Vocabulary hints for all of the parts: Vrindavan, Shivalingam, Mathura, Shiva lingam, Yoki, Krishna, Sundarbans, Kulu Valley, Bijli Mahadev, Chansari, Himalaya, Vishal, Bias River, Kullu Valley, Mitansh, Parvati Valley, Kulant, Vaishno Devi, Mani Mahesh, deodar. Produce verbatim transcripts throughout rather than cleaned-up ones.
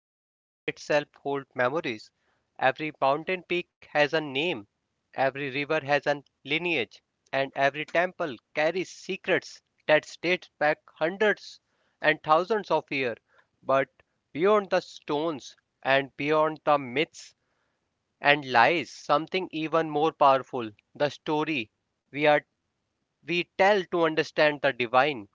where the soil itself holds memories. Every mountain peak has a name, every river has a lineage, and every temple carries secrets that date back hundreds and thousands of years. But beyond the stones and beyond the myths and lies, something even more powerful, the story we, are, we tell to understand the divine.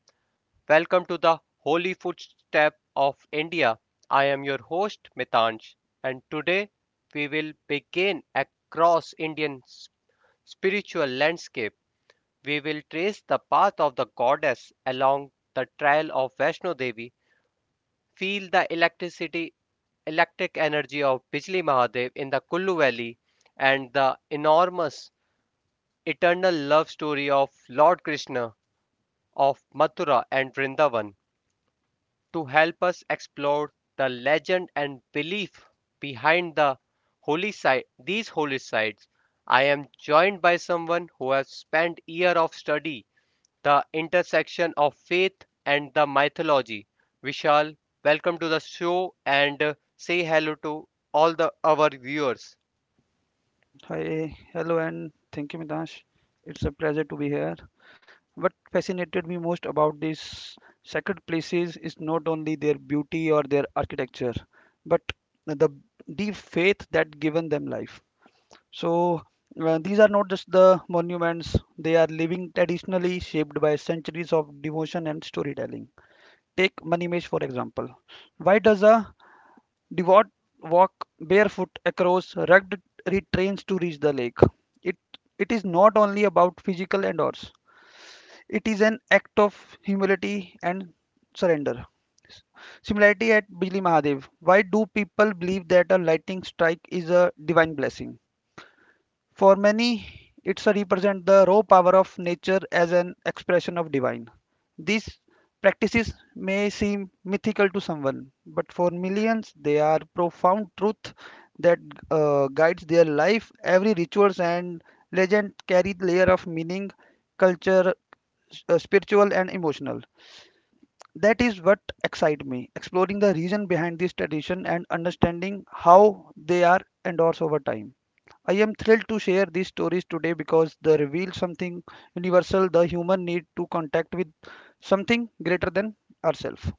Welcome to the Holy Footstep of India. I am your host Mitansh, and today we will begin across Indian spiritual landscape. We will trace the path of the goddess along the trail of Vaishno Devi, feel the electricity electric energy of Bijli Mahadev in the Kullu Valley, and the enormous eternal love story of Lord Krishna of Mathura and Vrindavan. To help us explore the legend and belief behind the holy site these holy sites, I am joined by someone who has spent years of study the intersection of faith and the mythology. Vishal, welcome to the show, and uh, say hello to all the our viewers. Hi, hello, and thank you, Midash. It's a pleasure to be here. What fascinated me most about these sacred places is not only their beauty or their architecture, but the deep faith that given them life. So uh, these are not just the monuments; they are living, traditionally shaped by centuries of devotion and storytelling. Take Manimesh for example. Why does a Devout walk barefoot across rugged terrains to reach the lake? It it is not only about physical endurance; it is an act of humility and surrender. Similarity at Bijli Mahadev. Why do people believe that a lightning strike is a divine blessing? For many, it's a represent the raw power of nature as an expression of divine. These practices may seem mythical to someone, but for millions, they are profound truth that uh, guides their life. Every rituals and legend carry layer of meaning, culture, s- uh, spiritual and emotional. That is what excite me, exploring the reason behind this tradition and understanding how they are endorsed over time. I am thrilled to share these stories today because they reveal something universal the human need to contact with something greater than ourselves.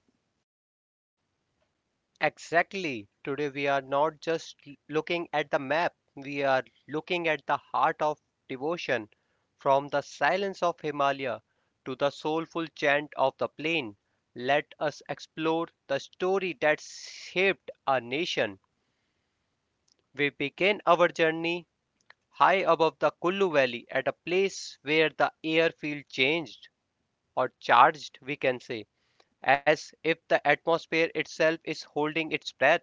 Exactly. Today we are not just l- looking at the map, we are looking at the heart of devotion, from the silence of Himalaya to the soulful chant of the plain. Let us explore the story that shaped our nation. We begin our journey high above the Kullu Valley at a place where the air feels changed or charged, we can say, as if the atmosphere itself is holding its breath.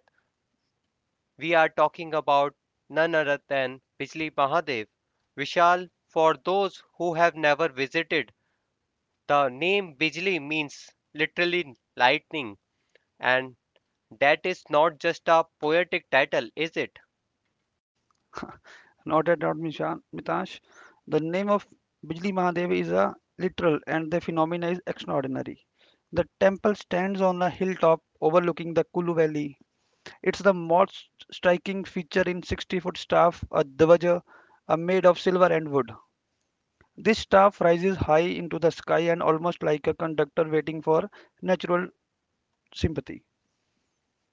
We are talking about none other than Bijli Mahadev. Vishal, for those who have never visited, the name Bijli means literally lightning, and that is not just a poetic title, is it? Not at all, Mishan- Mitash. The name of Bijli Mahadev is a literal and the phenomena is extraordinary. The temple stands on a hilltop overlooking the Kulu Valley. It's the most striking feature in sixty foot staff, a dvaja, are made of silver and wood. This staff rises high into the sky and almost like a conductor waiting for natural sympathy.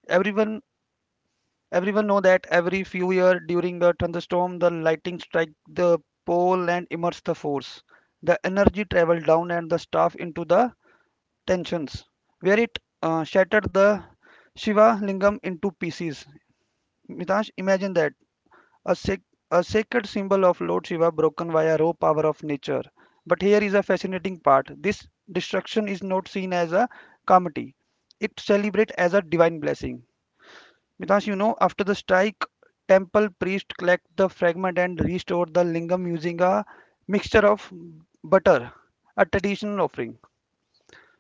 Everyone everyone know that every few year during a thunderstorm the lightning strike the pole and immerse the force. The energy travel down and the staff into the tensions where it uh, shattered the Shiva lingam into pieces. Mitash, imagine that a, sac- a sacred symbol of Lord Shiva broken by a raw power of nature. But here is a fascinating part. This destruction is not seen as a calamity. It celebrates as a divine blessing. Because you know, after the strike, temple priest collect the fragment and restore the lingam using a mixture of butter, a traditional offering.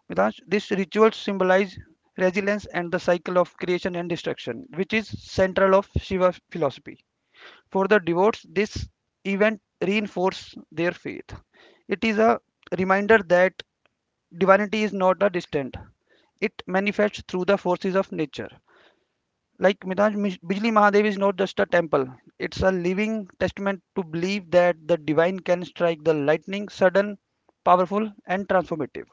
Because this ritual symbolize resilience and the cycle of creation and destruction, which is central of Shiva philosophy. For the devotees, this event reinforces their faith. It is a reminder that divinity is not a distant. It manifests through the forces of nature. Like Mitaj, Bijli Mahadev is not just a temple. It's a living testament to believe that the divine can strike the lightning, sudden, powerful, and transformative.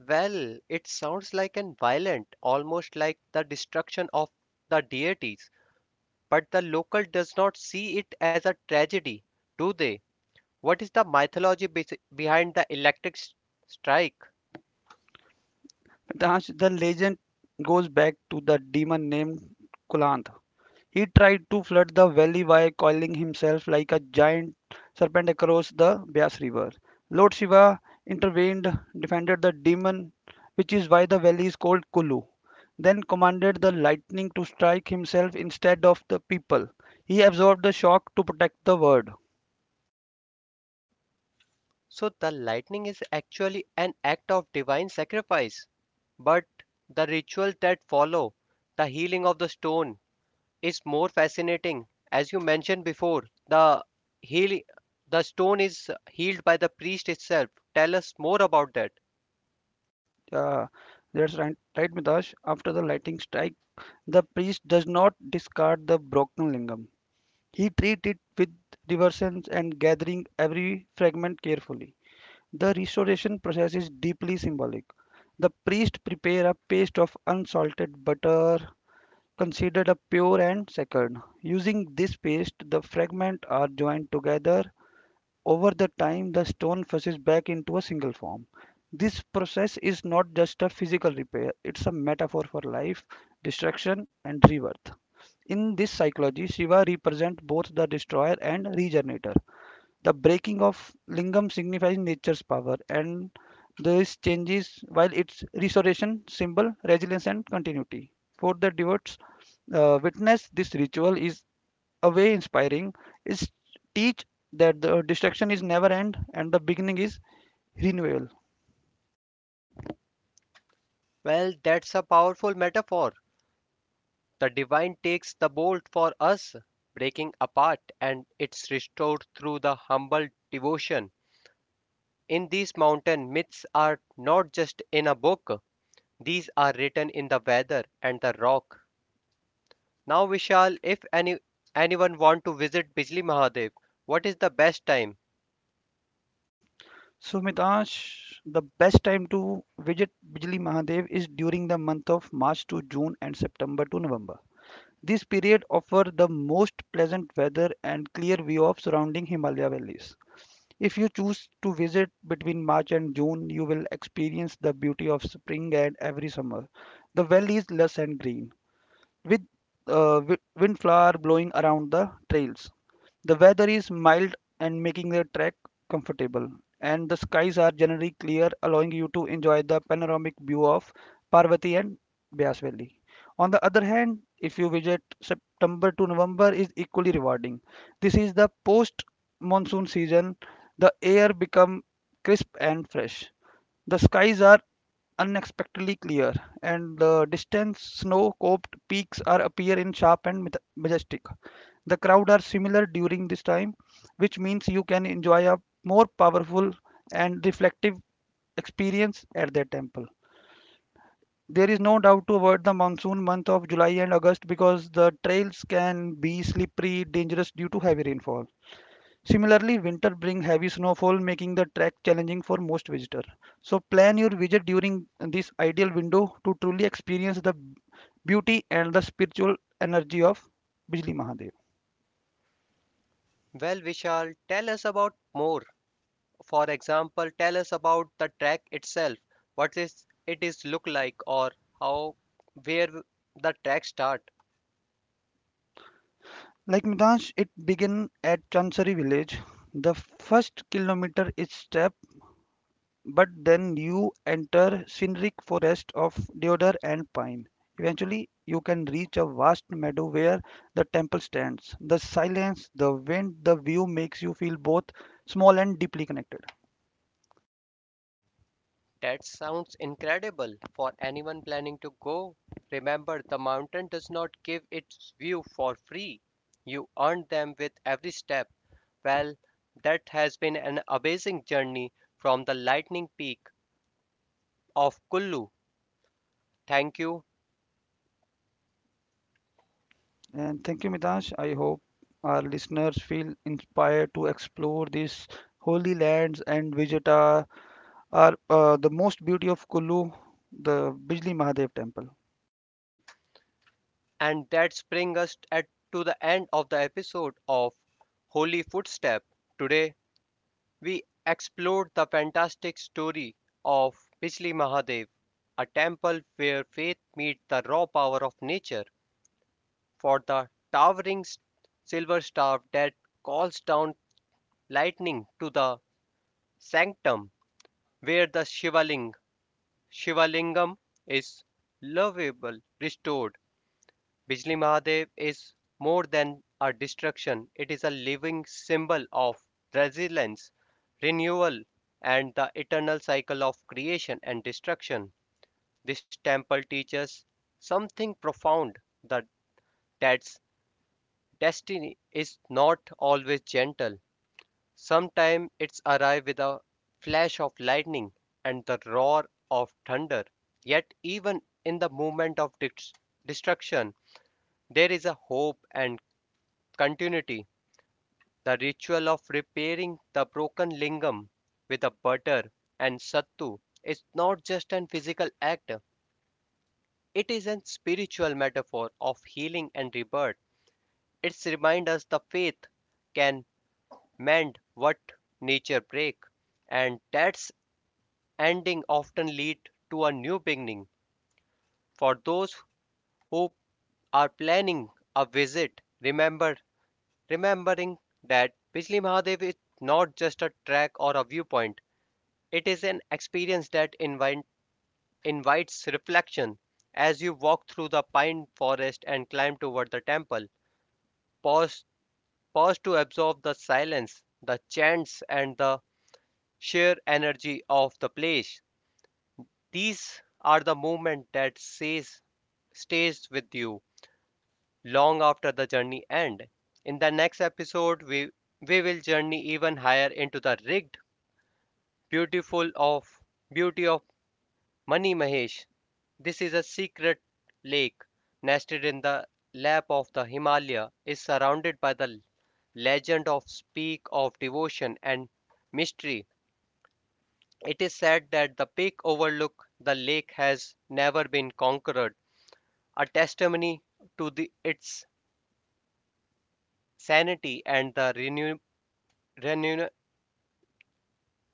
Well, it sounds like an violent, almost like the destruction of the deities, but the local does not see it as a tragedy, do they? What is the mythology bes- behind the electric strike? The legend goes back to the demon named Kulant. He tried to flood the valley by coiling himself like a giant serpent across the Bias River. Lord Shiva intervened, defended the demon, which is why the valley is called Kulu, then commanded the lightning to strike himself instead of the people. He absorbed the shock to protect the world. So the lightning is actually an act of divine sacrifice. But the rituals that follow, the healing of the stone, is more fascinating. As you mentioned before, the heal the stone is healed by the priest itself. Tell us more about that. Uh, that's right, right, Mitash. After the lightning strike, the priest does not discard the broken lingam. He treats it with reverence and gathering every fragment carefully. The restoration process is deeply symbolic. The priest prepare a paste of unsalted butter, considered a pure and sacred. Using this paste, the fragments are joined together. Over the time, the stone fuses back into a single form. This process is not just a physical repair, it's a metaphor for life, destruction, and rebirth. In this psychology, Shiva represents both the destroyer and regenerator. The breaking of lingam signifies nature's power, and this changes while its restoration symbol resilience and continuity. For the devotees, uh, witness this ritual is a way inspiring. It teach that the destruction is never end and the beginning is renewal. Well, that's a powerful metaphor. The divine takes the bolt for us, breaking apart, and it's restored through the humble devotion. In these mountain myths are not just in a book, these are written in the weather and the rock. Now Vishal, if any anyone want to visit Bijli Mahadev, what is the best time? So Mitash, the best time to visit Bijli Mahadev is during the month of March to June and September to November. This period offers the most pleasant weather and clear view of surrounding Himalaya valleys. If you choose to visit between March and June, you will experience the beauty of spring and every summer. The valley is lush and green, with uh, wi- windflower blowing around the trails. The weather is mild and making the trek comfortable, and the skies are generally clear, allowing you to enjoy the panoramic view of Parvati and Bias Valley. On the other hand, if you visit September to November is equally rewarding. This is the post monsoon season. The air become crisp and fresh the skies are unexpectedly clear, and the distant snow-capped peaks are appear in sharp and maj- majestic. The crowd are similar during this time, which means you can enjoy a more powerful and reflective experience at the temple. There is no doubt to avoid the monsoon month of July and August because the trails can be slippery, dangerous due to heavy rainfall. Similarly, winter brings heavy snowfall, making the trek challenging for most visitors. So plan your visit during this ideal window to truly experience the beauty and the spiritual energy of Bijli Mahadev. Well, Vishal, tell us about more. For example, tell us about the track itself. What is it is look like, or how, where the track start? Like Midansh, it begins at Chansari village. The first kilometer is steep but then you enter scenic forest of deodar and pine. Eventually, you can reach a vast meadow where the temple stands. The silence, the wind, the view makes you feel both small and deeply connected. That sounds incredible for anyone planning to go. Remember, the mountain does not give its view for free. You earn them with every step. Well, that has been an amazing journey from the lightning peak of Kullu. Thank you. And thank you, Mitansh. I hope our listeners feel inspired to explore these holy lands and visit our, our uh, the most beauty of Kullu, the Bijli Mahadev temple. And that brings us at, to the end of the episode of Holy Footstep. Today, we explored the fantastic story of Bijli Mahadev, a temple where faith meets the raw power of nature, for the towering silver staff that calls down lightning to the sanctum where the Shivaling, Shivalingam is lovable, restored. Bijli Mahadev is more than a destruction, it is a living symbol of resilience, renewal, and the eternal cycle of creation and destruction. This temple teaches something profound that that's destiny is not always gentle. Sometimes it's arrive with a flash of lightning and the roar of thunder. Yet even in the moment of dis- destruction, there is a hope and continuity. The ritual of repairing the broken lingam with a butter and sattu is not just an physical act, it is a spiritual metaphor of healing and rebirth. It reminds us that faith can mend what nature breaks, and that's ending often leads to a new beginning. For those who are planning a visit, remember remembering that Bijli Mahadev is not just a track or a viewpoint, it is an experience that invite, invites reflection. As you walk through the pine forest and climb toward the temple, pause, pause to absorb the silence, the chants, and the sheer energy of the place. These are the moments that says, stays with you long after the journey ends. In the next episode, we, we will journey even higher into the rigged Beautiful of beauty of Mani Mahesh. This is a secret lake nested in the lap of the Himalaya, is surrounded by the legend of speak of devotion and mystery. It is said that the peak overlook the lake has never been conquered, a testimony to the, its sanity and the renew, renew,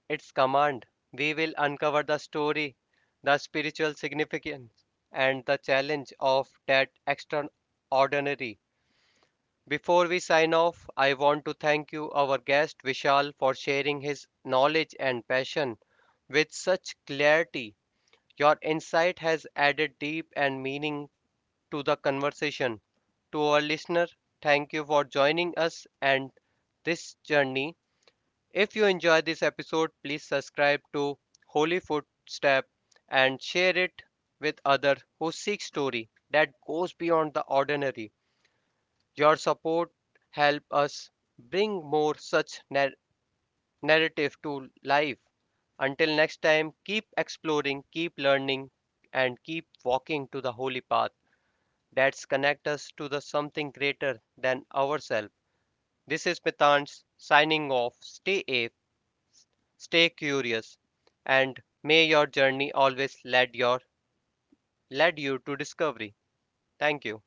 its command, we will uncover the story, the spiritual significance, and the challenge of that extraordinary. Before we sign off, I want to thank you, our guest Vishal, for sharing his knowledge and passion with such clarity. Your insight has added deep and meaning to the conversation. To our listener, thank you for joining us and this journey. If you enjoyed this episode, please subscribe to Holy Footstep and share it with others who seek story that goes beyond the ordinary. Your support helps us bring more such nar- narrative to life. Until next time, keep exploring, keep learning, and keep walking to the holy path that's connect us to the something greater than ourselves. This is Mitansh signing off. Stay safe. Stay curious, and may your journey always lead your lead you to discovery. Thank you.